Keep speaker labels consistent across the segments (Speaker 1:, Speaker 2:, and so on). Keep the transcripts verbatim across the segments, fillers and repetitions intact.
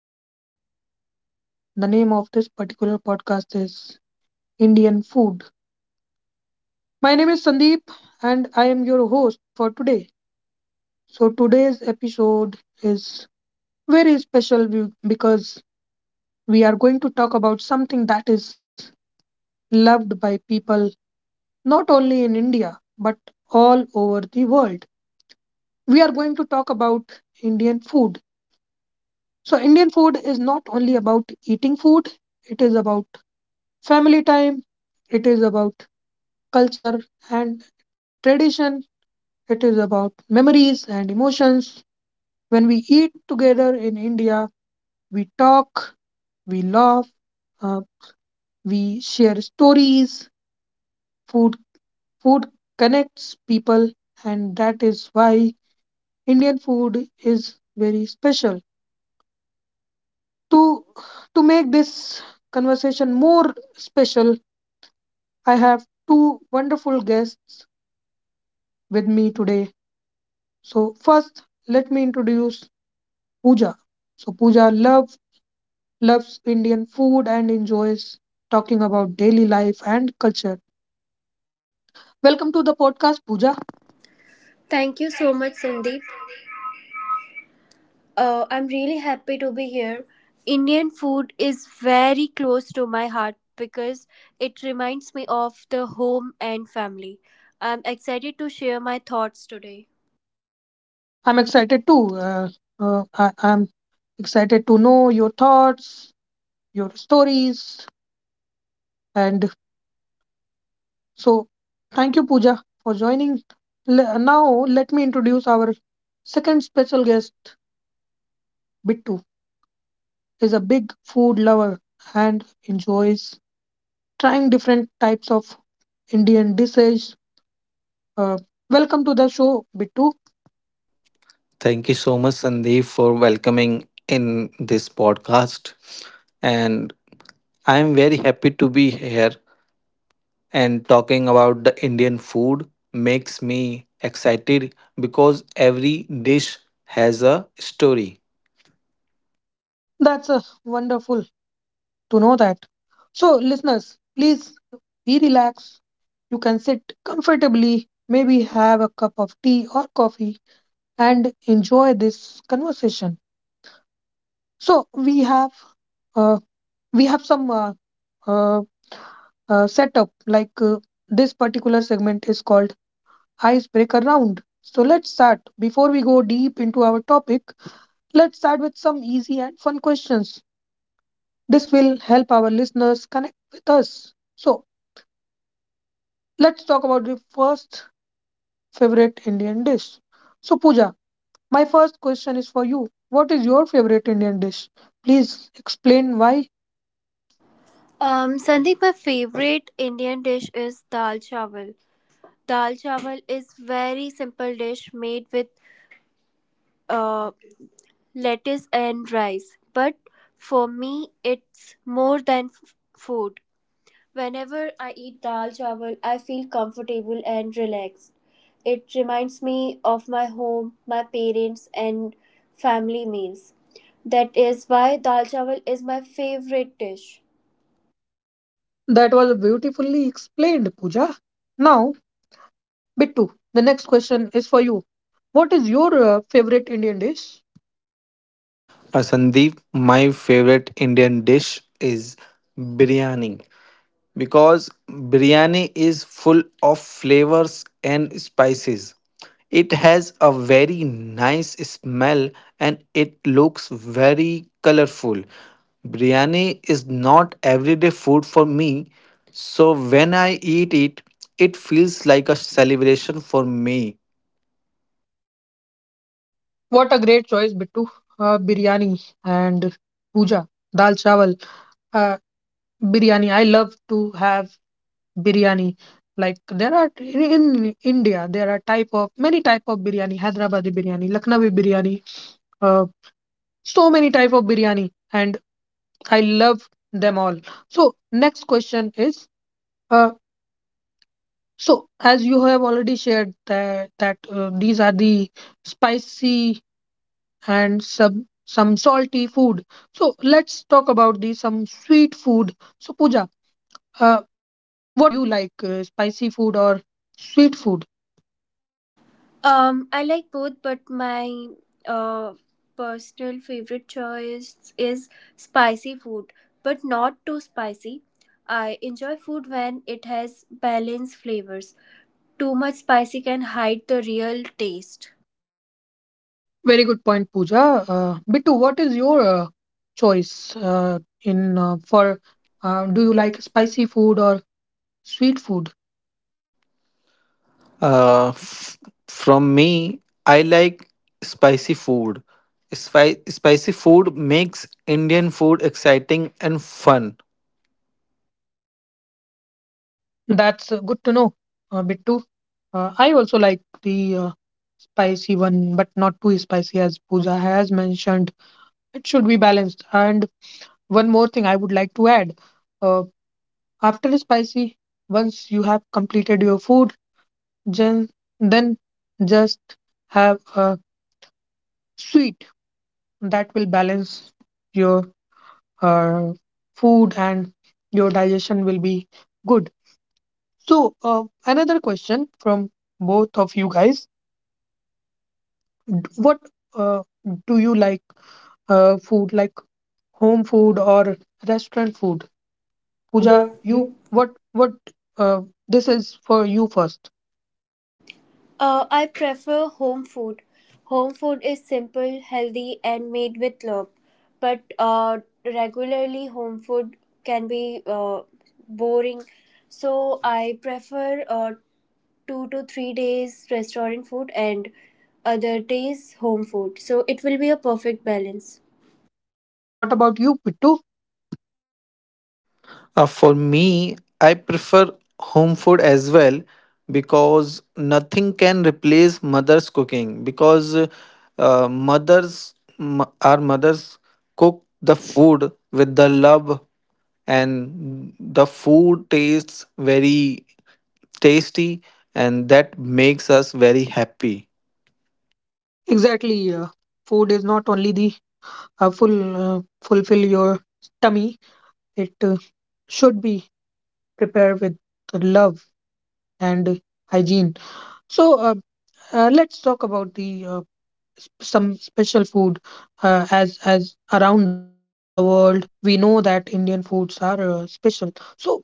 Speaker 1: and the name of this particular podcast is Indian Food. My name is Sandeep, and I am your host for today. So today's episode is very special be- because we are going to talk about something that is loved by people not only in India but all over the world. We are going to talk about Indian food. So Indian food is not only about eating food, it is about family time, it is about culture and tradition, it is about memories and emotions. When we eat together in India, we talk, we laugh, uh, we share stories. Food, food connects people, and that is why Indian food is very special. To, to make this conversation more special, I have two wonderful guests with me today. So first, let me introduce Pooja. So Pooja love, loves Indian food and enjoys talking about daily life and culture. Welcome to the podcast, Pooja.
Speaker 2: Thank you so much, Sandeep. Uh, I'm really happy to be here. Indian food is very close to my heart because it reminds me of the home and family. I'm excited to share my thoughts today.
Speaker 1: I'm excited too. Uh, uh, I, I'm excited to know your thoughts, your stories, and so thank you, Pooja, for joining. Le- now let me introduce our second special guest, Bittu. Is a big food lover and enjoys trying different types of Indian dishes. Uh, Welcome to the show, Bittu.
Speaker 3: Thank you so much, Sandeep, for welcoming in this podcast. And I am very happy to be here and talking about the Indian food makes me excited because every dish has a story.
Speaker 1: That's uh, wonderful to know that. So, listeners, please be relaxed. You can sit comfortably, maybe have a cup of tea or coffee, and enjoy this conversation. So we have uh, we have some uh, uh, uh, setup like uh, this particular segment is called icebreaker round. So let's start. Before we go deep into our topic, let's start with some easy and fun questions. This will help our listeners connect with us. So let's talk about the first favorite Indian dish. So, Pooja, my first question is for you. What is your favorite Indian dish? Please explain why.
Speaker 2: Um, Sandeep, my favorite Indian dish is dal chawal. Dal chawal is very simple dish made with uh, lettuce and rice, but for me, it's more than f- food. Whenever I eat dal chawal, I feel comfortable and relaxed. It reminds me of my home, my parents, and family meals. That is why dal chawal is my favorite dish.
Speaker 1: That was beautifully explained, Pooja. Now, Bittu, the next question is for you. What is your uh, favorite Indian dish?
Speaker 3: Uh, Sandeep, my favorite Indian dish is biryani. Because biryani is full of flavors and spices. It has a very nice smell and it looks very colorful. Biryani is not everyday food for me, so when I eat it, it feels like a celebration for me.
Speaker 1: What a great choice, Bittu. Uh, biryani and puja, dal chawal, uh, biryani. I love to have biryani. Like there are in, in India, there are type of many type of biryani, Hyderabadi biryani, Lucknowi biryani, uh, so many type of biryani, and I love them all. So next question is, uh, so as you have already shared that that uh, these are the spicy and some some salty food. So let's talk about the some sweet food. So Pooja, uh, what do you like, uh, spicy food or sweet food?
Speaker 2: Um, I like both, but my uh, personal favorite choice is spicy food, but not too spicy. I enjoy food when it has balanced flavors. Too much spicy can hide the real taste.
Speaker 1: Very good point, Pooja. Uh, Bittu, what is your uh, choice uh, in uh, for? Uh,
Speaker 3: Um,
Speaker 1: do
Speaker 3: Do
Speaker 1: you
Speaker 3: you
Speaker 1: like
Speaker 3: like spicy?
Speaker 1: spicy food or sweet food?
Speaker 3: Uh, f- from me, I like spicy food. Spi- spicy food makes Indian food exciting and fun.
Speaker 1: That's uh, good to know, uh, Bittu. Uh, I also like the uh, spicy one, but not too spicy, as Pooja has mentioned. It should be balanced and one more thing I would like to add. Uh, After spicy, once you have completed your food, then, then just have a sweet that will balance your uh, food and your digestion will be good. So, uh, another question from both of you guys. What uh, do you like uh, food like home food or restaurant food? Pooja,
Speaker 2: Pooja,
Speaker 1: you
Speaker 2: you.
Speaker 1: what what uh, this is for you first.
Speaker 2: Uh, I prefer home food. Home food is simple, healthy, and made with love. But uh, regularly, home food can be uh, boring. So I prefer uh, two to three days restaurant food and other days home food. So it will be a perfect balance.
Speaker 1: What about you, Pittu?
Speaker 3: Uh, for me, I prefer home food as well because nothing can replace mother's cooking. Because uh, mothers, m- our mothers cook the food with the love, and the food tastes very tasty and that makes us very happy.
Speaker 1: Exactly. Uh, food is not only the uh, full uh, fulfill your tummy; it uh, should be prepared with love and hygiene. So uh, uh, let's talk about the uh, some special food uh, as as around the world we know that Indian foods are uh, special, so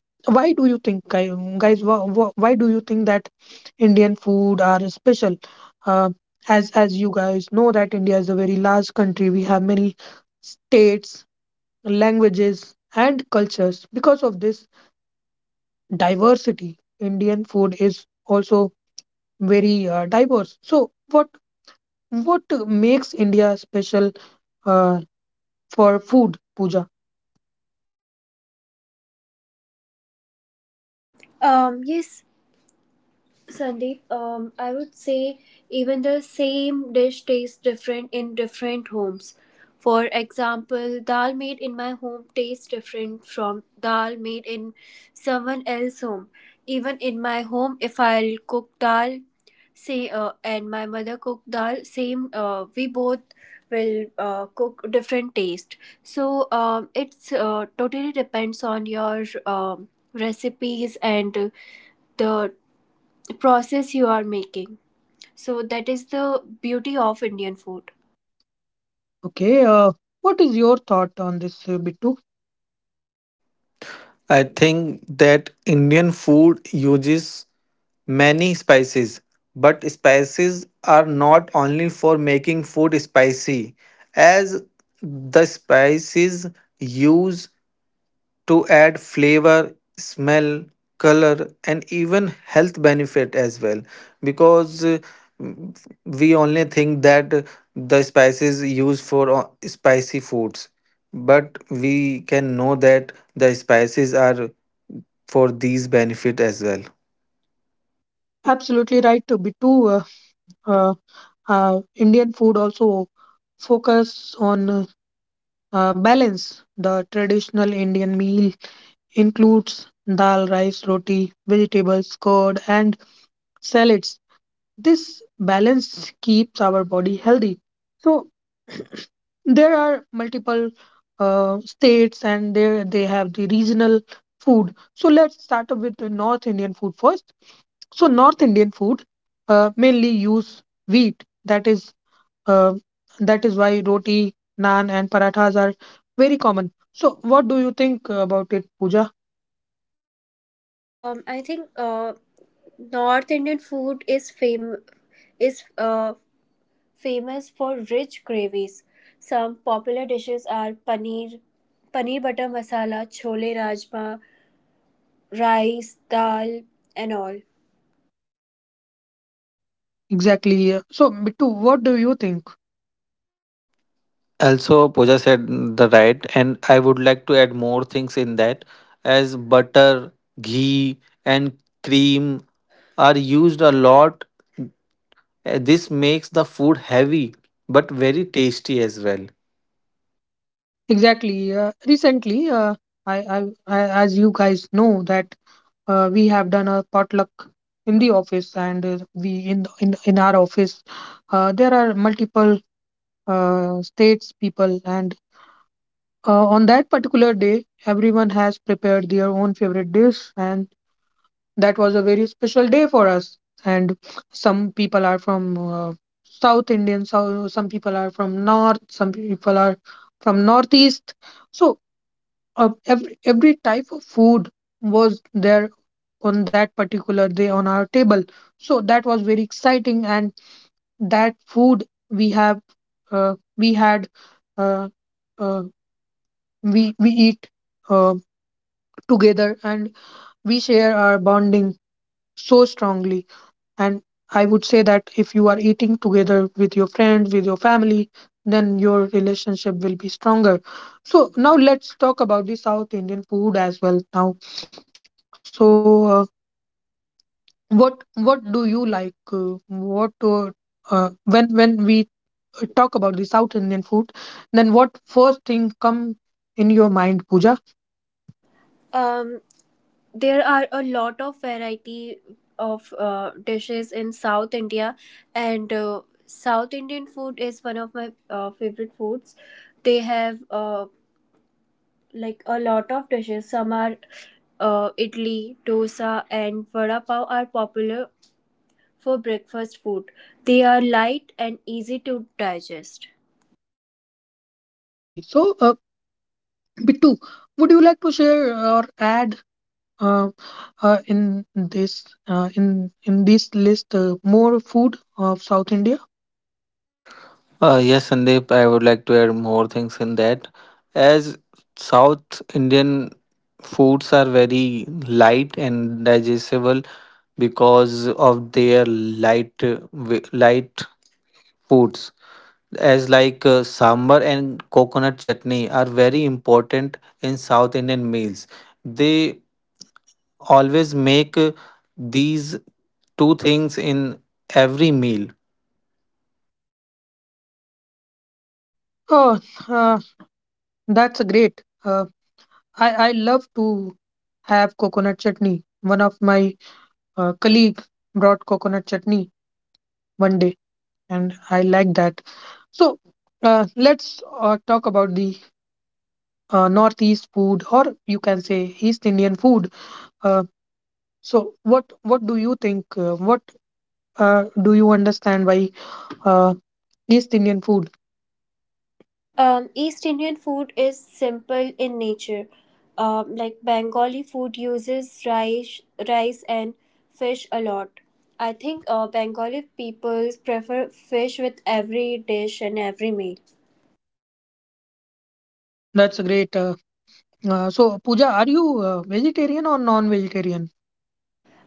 Speaker 1: why do you think guy- guys wha- wha- why do you think that Indian food are special. Uh, as as you guys know that India is a very large country, we have many states, languages, and cultures. Because of this diversity, Indian food is also very uh, diverse. So what what makes India special uh, for food, Pooja?
Speaker 2: Um, yes, Sandeep, um, I would say even the same dish tastes different in different homes. For example, dal made in my home tastes different from dal made in someone else's home. Even in my home, if I'll cook dal, say, uh, and my mother cook dal, same, uh, we both will uh, cook different taste. So um, it's uh, totally depends on your um, recipes and the process you are making. So that is the beauty of Indian food.
Speaker 1: Okay, uh, what is your thought on this, uh, Bittu?
Speaker 3: I think that Indian food uses many spices, but spices are not only for making food spicy, as the spices use to add flavor, smell, color, and even health benefit as well. Because uh, we only think that the spices used for uh, spicy foods, but we can know that the spices are for these benefit as well.
Speaker 1: Absolutely right, uh, Bittu. Uh, uh, uh, Indian food also focus on uh, uh, balance. The traditional Indian meal includes dal, rice, roti, vegetables, curd, and salads. This balance keeps our body healthy. So there are multiple uh, states and there they have the regional food. So let's start up with the north Indian food first. So north Indian food uh, mainly use wheat. That is uh, that is why roti, naan, and parathas are very common. So what do you think about it, Pooja?
Speaker 2: Um, I think uh, North Indian food is fam- is uh, famous for rich gravies. Some popular dishes are paneer, paneer butter masala, chole rajma, rice, dal, and all.
Speaker 1: Exactly. uh, so, Bittu, what do you think?
Speaker 3: Also, Pooja said the right, and I would like to add more things in that, as butter, ghee, and cream are used a lot. Uh, This makes the food heavy but very tasty as well.
Speaker 1: Exactly. Uh, recently uh, I, I i as you guys know that uh, we have done a potluck in the office, and uh, we in in, in our office uh, there are multiple uh, states people, and uh, on that particular day everyone has prepared their own favorite dish, and that was a very special day for us. And some people are from uh, south Indian, so some people are from north, some people are from northeast. So uh, every every type of food was there on that particular day on our table. So that was very exciting, and that food we have uh, we had uh, uh, we we eat uh, together and we share our bonding so strongly. And I would say that if you are eating together with your friends, with your family, then your relationship will be stronger. So now let's talk about the South Indian food as well now. So uh, what what do you like, uh, what uh, uh, when when we talk about the south Indian food, then what first thing come in your mind, Pooja?
Speaker 2: Um, there are a lot of variety of uh, dishes in south india and uh, south indian food is one of my uh, favorite foods they have uh, like a lot of dishes some are uh, idli dosa and vada pav are popular for breakfast food they are light and easy to digest.
Speaker 1: Exactly. So, uh, bittu, would you like to share or add uh, uh, in this uh, in in this list, uh, more food of south India?
Speaker 3: Uh, yes, Sandeep, I would like to add more things in that. As South Indian foods are very light and digestible because of their light, uh, wi- light foods, as like uh, sambar and coconut chutney are very important in South Indian meals. They always make, uh, these two things in every meal.
Speaker 1: Oh, uh, that's great. Uh, i i love to have coconut chutney. One of my uh, colleague brought coconut chutney one day, and I like that. So uh, let's uh, talk about the uh, Northeast food, or you can say East Indian food. Uh, so what what do you think? Uh, what uh, do you understand by uh, East Indian food?
Speaker 2: Um, East Indian food is simple in nature. Um, like Bengali food uses rice, rice and fish a lot. I think uh, Bengali people prefer fish with every dish and every meal.
Speaker 1: That's great. Uh, uh, so Pooja, are you uh, vegetarian or non-vegetarian?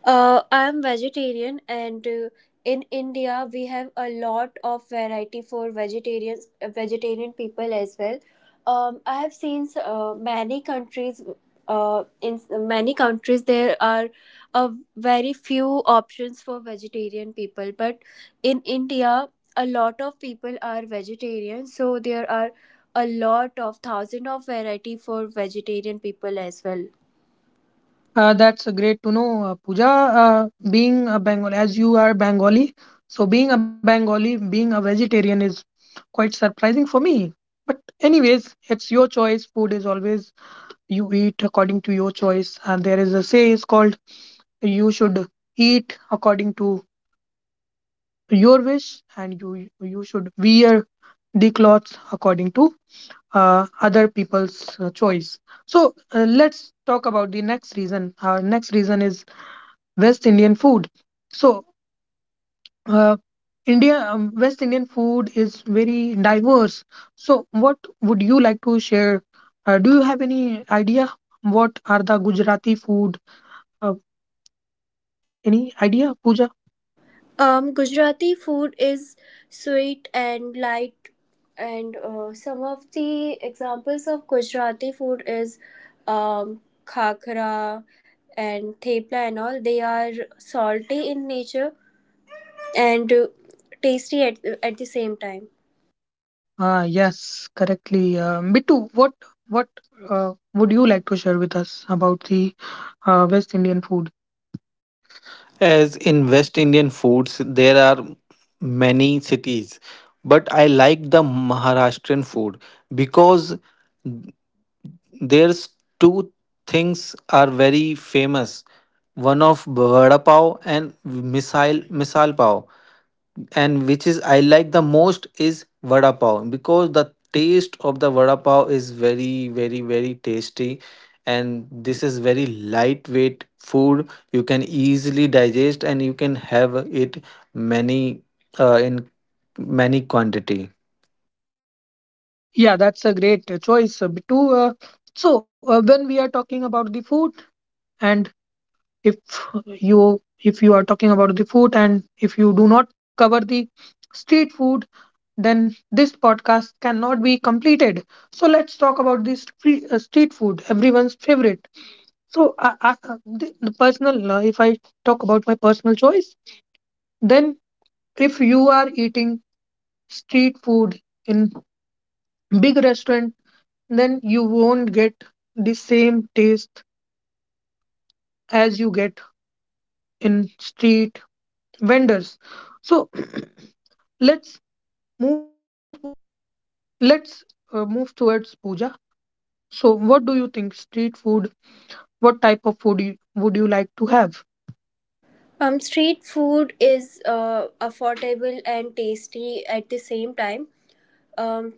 Speaker 2: Uh, I'm vegetarian, and uh, in India we have a lot of variety for vegetarians, uh, vegetarian people as well. Um, I have seen uh, many countries. Uh, in many countries there are a very few options for vegetarian people, but in India a lot of people are vegetarian, so there are a lot of thousand of variety for vegetarian people as well.
Speaker 1: Uh, that's great to know, uh, Pooja. Uh, being a Bengali, as you are Bengali, so being a Bengali, being a vegetarian is quite surprising for me. But anyways, it's your choice. Food is always you eat according to your choice, and there is a say is called you should eat according to your wish, and you you should wear the clothes according to uh, other people's uh, choice. So uh, let's talk about the next reason. Our next reason is West Indian food. So, uh, India um, West Indian food is very diverse. So, what would you like to share? Uh, do you have any idea what are the Gujarati food? Uh, any idea, Pooja?
Speaker 2: Um, Gujarati food is sweet and light, and uh, some of the examples of Gujarati food is um, khakra and thepla and all. They are salty in nature and uh, tasty at, at the same time.
Speaker 1: Ah, yes, correctly. Uh, Bittu, what what uh, would you like to share with us about the uh, West Indian food?
Speaker 3: As in West Indian foods, there are many cities, but I like the Maharashtrian food because there's two things are very famous. One of vada pav and misal misal pav, and which is I like the most is vada pav because the taste of the vada pav is very very very tasty, and this is very lightweight food. You can easily digest and you can have it many, uh, in many quantity.
Speaker 1: Yeah, that's a great uh, choice, uh, Bittu. Uh, so, uh, when we are talking about the food, and if you if you are talking about the food and if you do not cover the street food, then this podcast cannot be completed. So let's talk about this free, uh, street food, everyone's favorite. So I, I, uh, the, the personal uh, if I talk about my personal choice, then if you are eating street food in big restaurant, then you won't get the same taste as you get in street vendors. So let's move to uh, let's uh, move towards Puja. So what do you think street food, what type of food you, would you like to have?
Speaker 4: Um, street food is uh, affordable and tasty at the same time. Um,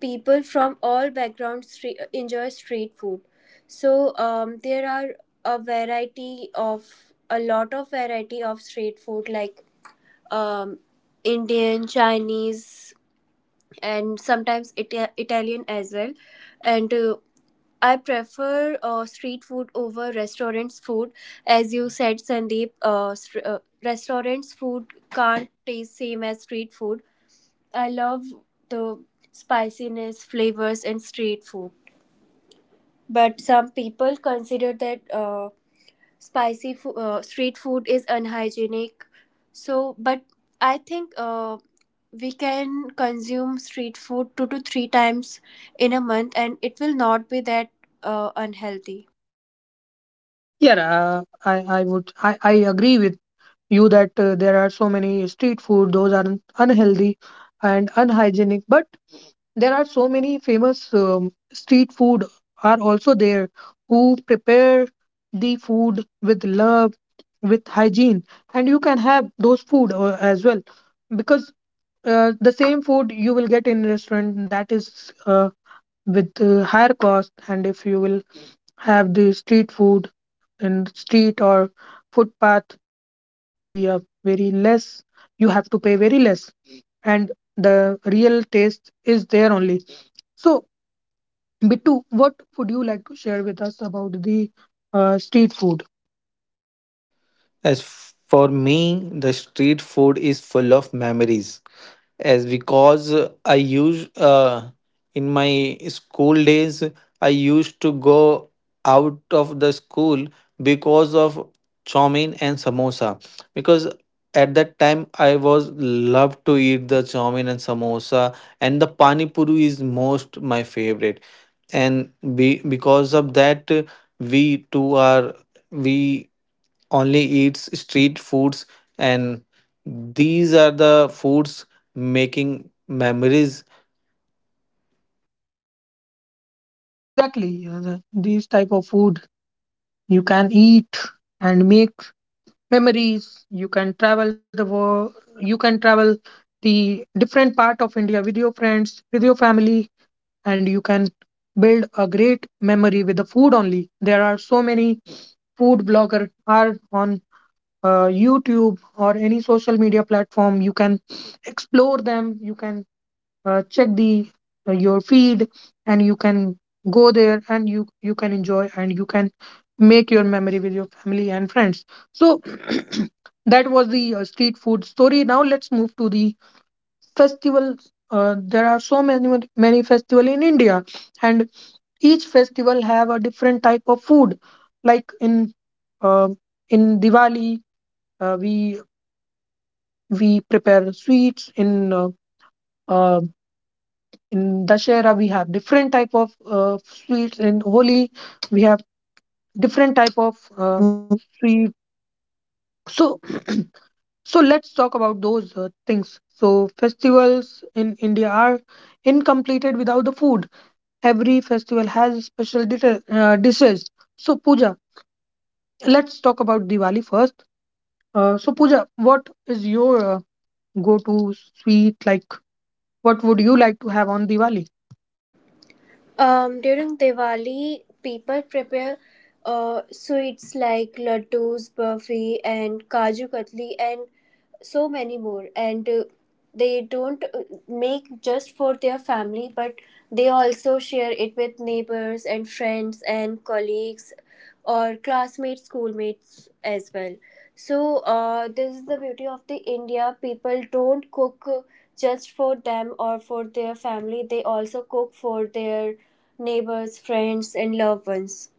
Speaker 4: People from all backgrounds stre- enjoy street food. So um, there are a variety of a lot of variety of street food like um, Indian, Chinese, and sometimes Ita- Italian as well. And uh, I prefer uh, street food over restaurants food, as you said, Sandeep. Uh, str uh, Restaurants food can't taste same as street food. I love the spiciness, flavors, and street food. But some people consider that uh, spicy fo- uh, street food is unhygienic, so but I think uh, we can consume street food two to three times in a month, and it will not be that uh, unhealthy.
Speaker 1: Yeah, uh, i i would i i agree with you that uh, there are so many street food those are un- unhealthy and unhygienic, but there are so many famous um, street food are also there who prepare the food with love, with hygiene, and you can have those food uh, as well. Because uh, the same food you will get in restaurant, that is uh, with uh, higher cost, and if you will have the street food in street or footpath, that will be a very less, you have to pay very less, and the real taste is there only. So Bittu, what would you like to share with us about the uh, street food?
Speaker 3: As for me, the street food is full of memories as because I use uh, in my school days I used to go out of the school because of chowmein and samosa, because at that time I was loved to eat the chowmein and samosa, and the pani puri is most my favorite. And be, because of that, we two are we only eats street foods, and these are the foods making memories.
Speaker 1: Exactly. Uh, the- these type of food you can eat and make memories. You can travel the world. You can travel the different part of India with your friends, with your family, and you can build a great memory with the food only. There are so many food blogger are on uh, YouTube or any social media platform. You can explore them. You can uh, check the uh, your feed and you can go there and you you can enjoy and you can make your memory with your family and friends. So that was the uh, street food story. Now let's move to the festival. Uh, there are so many many festival in India, and each festival have a different type of food, like in uh, in Diwali uh, we we prepare sweets in uh, uh, in Dashera. We have different type of uh, sweets. In Holi we have different type of uh, sweet. So so let's talk about those uh, things. So festivals in India are incompleted without the food. Every festival has special dita- uh, dishes. So Pooja, let's talk about Diwali first. Uh, so Pooja, what is your uh, go-to sweet? Like, what would you like to have on Diwali?
Speaker 4: Um, during Diwali, people prepare uh, sweets like laddus, burfi, and kaju katli, and so many more. And uh, They don't uh, make just for their family, but they also share it with neighbors and friends and colleagues or classmates, schoolmates as well. So uh, this is the beauty of the India. People don't cook just for them or for their family. They also cook for their neighbors, friends, and loved ones.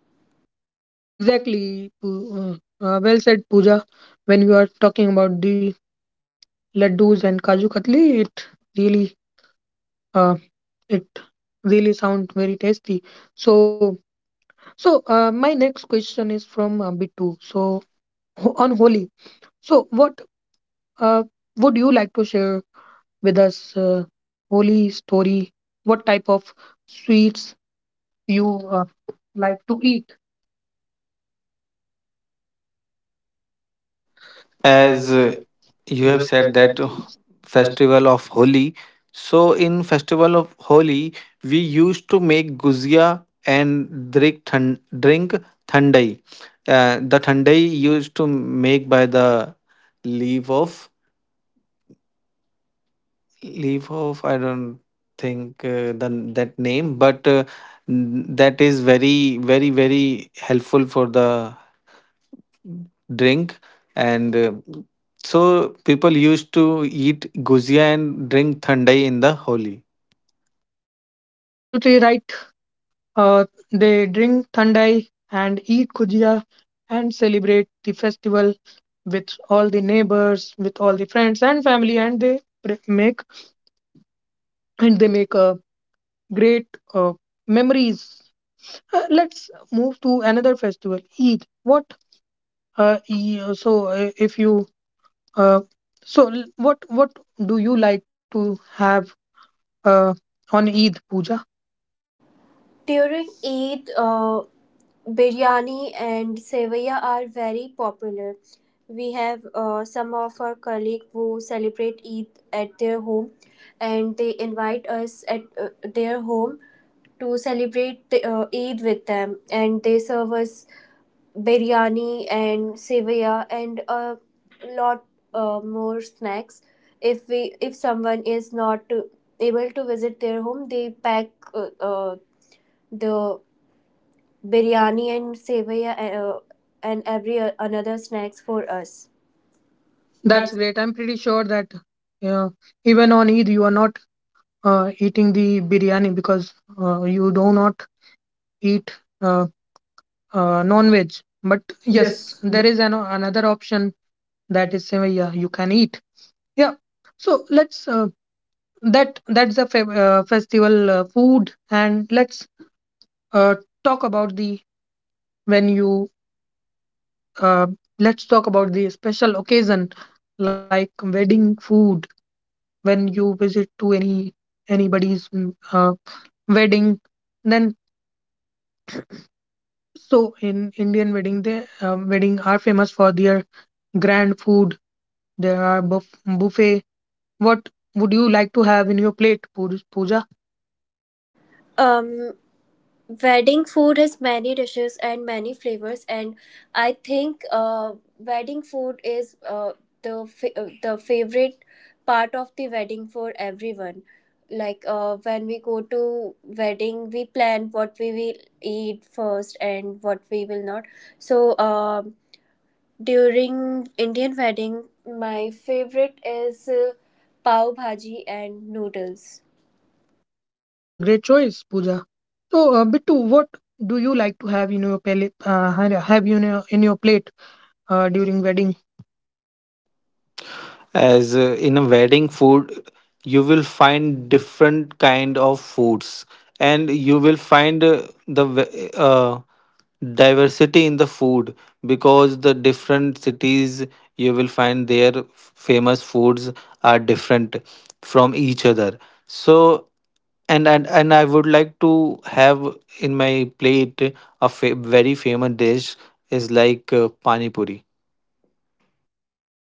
Speaker 1: Exactly. Poo- Uh, uh, well said, Pooja. When we are talking about the laddus and kaju katli, it really, uh, it really sound very tasty. So, so uh, my next question is from uh, Bittu. So, ho- on Holi, so what uh, would you like to share with us? Uh, Holi story. What type of sweets you uh, like to eat?
Speaker 3: As
Speaker 1: As
Speaker 3: uh,
Speaker 1: uh,
Speaker 3: you have
Speaker 1: you have
Speaker 3: said
Speaker 1: said
Speaker 3: that uh,
Speaker 1: that
Speaker 3: festival of Holi, so in festival of Holi we used to make guzia and drink thun- drink thandai. Uh, the thandai used to make by the leaf of, leave off. I don't think uh, the, that name, but uh, n- that is very, very, very helpful for the drink. And uh, so people used to eat guzia and drink thandai in the Holi.
Speaker 1: Absolutely right. Uh, they drink thandai and eat gujia and celebrate the festival with all the neighbors, with all the friends and family, and they pre- make and they make uh, great uh, memories. Uh, let's move to another festival, Eid. What? Uh, e- uh, so uh, if you uh, so l- what what do you like to have uh, on Eid, Pooja?
Speaker 4: During Eid, uh, biryani and sevaya are very popular. We have uh, some of our colleagues who celebrate Eid at their home, and they invite us at uh, their home to celebrate the, uh, Eid with them, and they serve us biryani and sevaya and a lot uh, more snacks. If we if someone is not uh, able to visit their home, they pack uh, uh, the biryani and sevaya uh, and every uh, another snacks for us.
Speaker 1: That's
Speaker 4: That's
Speaker 1: great. I'm pretty sure that uh, even on Eid you are not uh, eating the biryani because uh, you do not eat uh, uh, non-veg. But yes,
Speaker 4: yes.
Speaker 1: there is an, another option that is uh, yeah, you can eat. Yeah. So let's uh, that that's the fe- uh, festival uh, food, and let's uh, talk about the when you uh, let's talk about the special occasion like wedding food. When you visit to any anybody's mm, uh, wedding, then... So in Indian wedding, they uh, wedding are famous for their grand food. There are buff buffet. What would you like to have in your plate, Poo- Pooja?
Speaker 4: Um, wedding food has many dishes and many flavors, and I think uh, wedding food is uh, the fa- uh, the favorite part of the wedding for everyone. Like uh, when we go to wedding, we plan what we will eat first and what we will not. So um During Indian wedding, my favorite is uh, pav bhaji and noodles.
Speaker 1: That's a great choice, Pooja. So uh, Bittu, what do you like to have in your plate? Uh, ha- have you in your, in your plate uh, during wedding?
Speaker 3: As uh, in a wedding food, you will find different kind of foods, and you will find uh, the ve- uh, diversity in the food, because the different cities you will find their f- famous foods are different from each other. So and and, and I would like to have in my plate a fa- very famous dish is like uh, pani puri.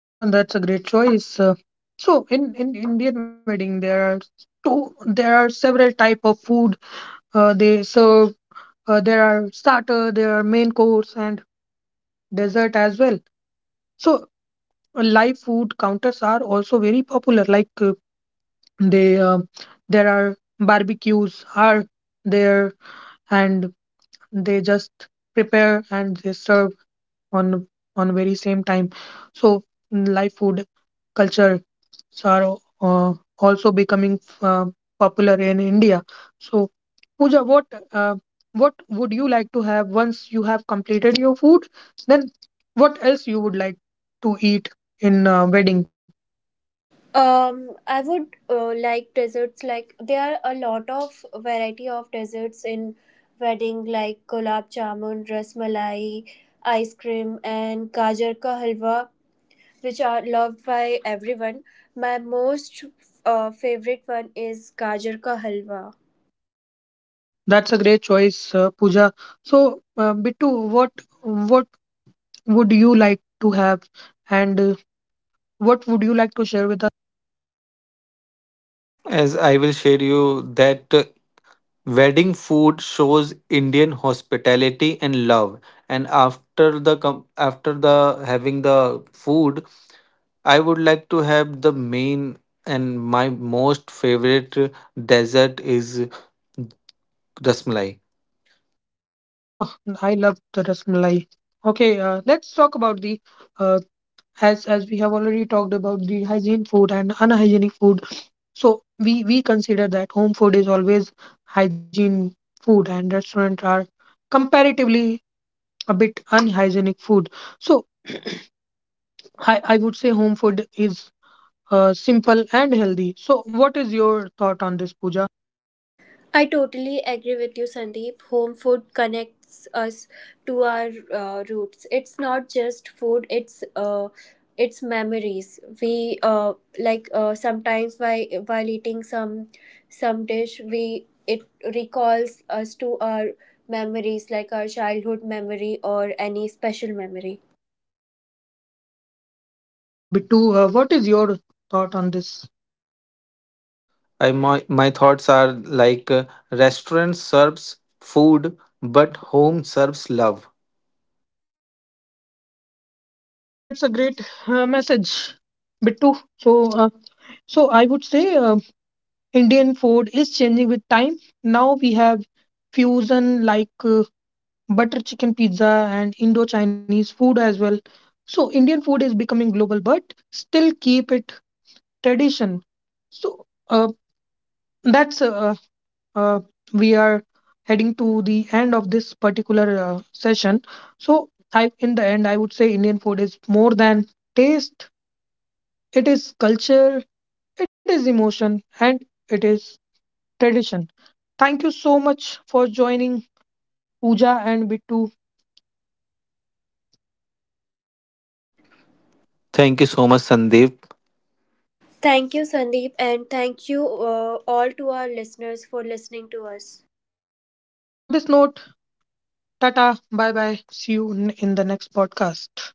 Speaker 1: Uh, that's a great choice. Uh, so in in Indian wedding, there are two. there are several type of food uh, they serve. Uh, there are starter, there are main course, and dessert as well. So, live food counters are also very popular, like uh, they uh, there are barbecues are there, and they just prepare and they serve on on very same time. So, mm, live food culture are uh, also becoming uh, popular in India. So Pooja, what uh, what would you like to have once you have completed your food, then what else you would like to eat in uh, wedding?
Speaker 4: Um, I would uh, like desserts, like there are a lot of variety of desserts in wedding like gulab jamun, ras malai, ice cream, and gajar ka halwa, which are loved by everyone. My most uh, favorite one is gajar ka halwa.
Speaker 1: That's a great choice, uh, Pooja. So, uh, Bittu, what what would you like to have, and uh, what would you like to share with us?
Speaker 3: As I will share you that uh, wedding food shows Indian hospitality and love. And after the com- after the having the food, I would like to have the main, and my most favorite dessert is rasmalai.
Speaker 1: Oh, I love the rasmalai. Okay, uh, let's talk about the uh, as as we have already talked about the hygiene food and unhygienic food. So we we consider that home food is always hygiene food, and restaurant are comparatively a bit unhygienic food. So I I would say home food is uh, simple and healthy. So, what is your thought on this, Pooja?
Speaker 4: I totally agree with you, Sandeep. Home food connects us to our uh, roots. It's not just food; it's uh, it's memories. We uh, like uh, sometimes while while eating some some dish, we it recalls us to our memories, like our childhood memory or any special memory.
Speaker 1: So, Bittu, uh, what is your thought on this?
Speaker 3: I my, my thoughts are like uh, restaurant serves food, but home serves love.
Speaker 1: Uh, that's a great uh, message, Bittu. So, uh, so I would say uh, Indian food is changing with time. Now we have fusion like uh, butter chicken pizza and Indo Chinese food as well. So, Indian food is becoming global, but still keep it tradition. So, uh, that's uh, uh, we are heading to the end of this particular uh, session. So, I in the end, I would say Indian food is more than taste. It is culture, it is emotion, and it is tradition. Thank you so much for joining, Pooja and Bittu.
Speaker 3: Thank you so much, Sandeep.
Speaker 4: Thank you, Sandeep, and thank you uh, all to our listeners for listening to us.
Speaker 1: On this note, tata, bye bye. See you n- in the next podcast.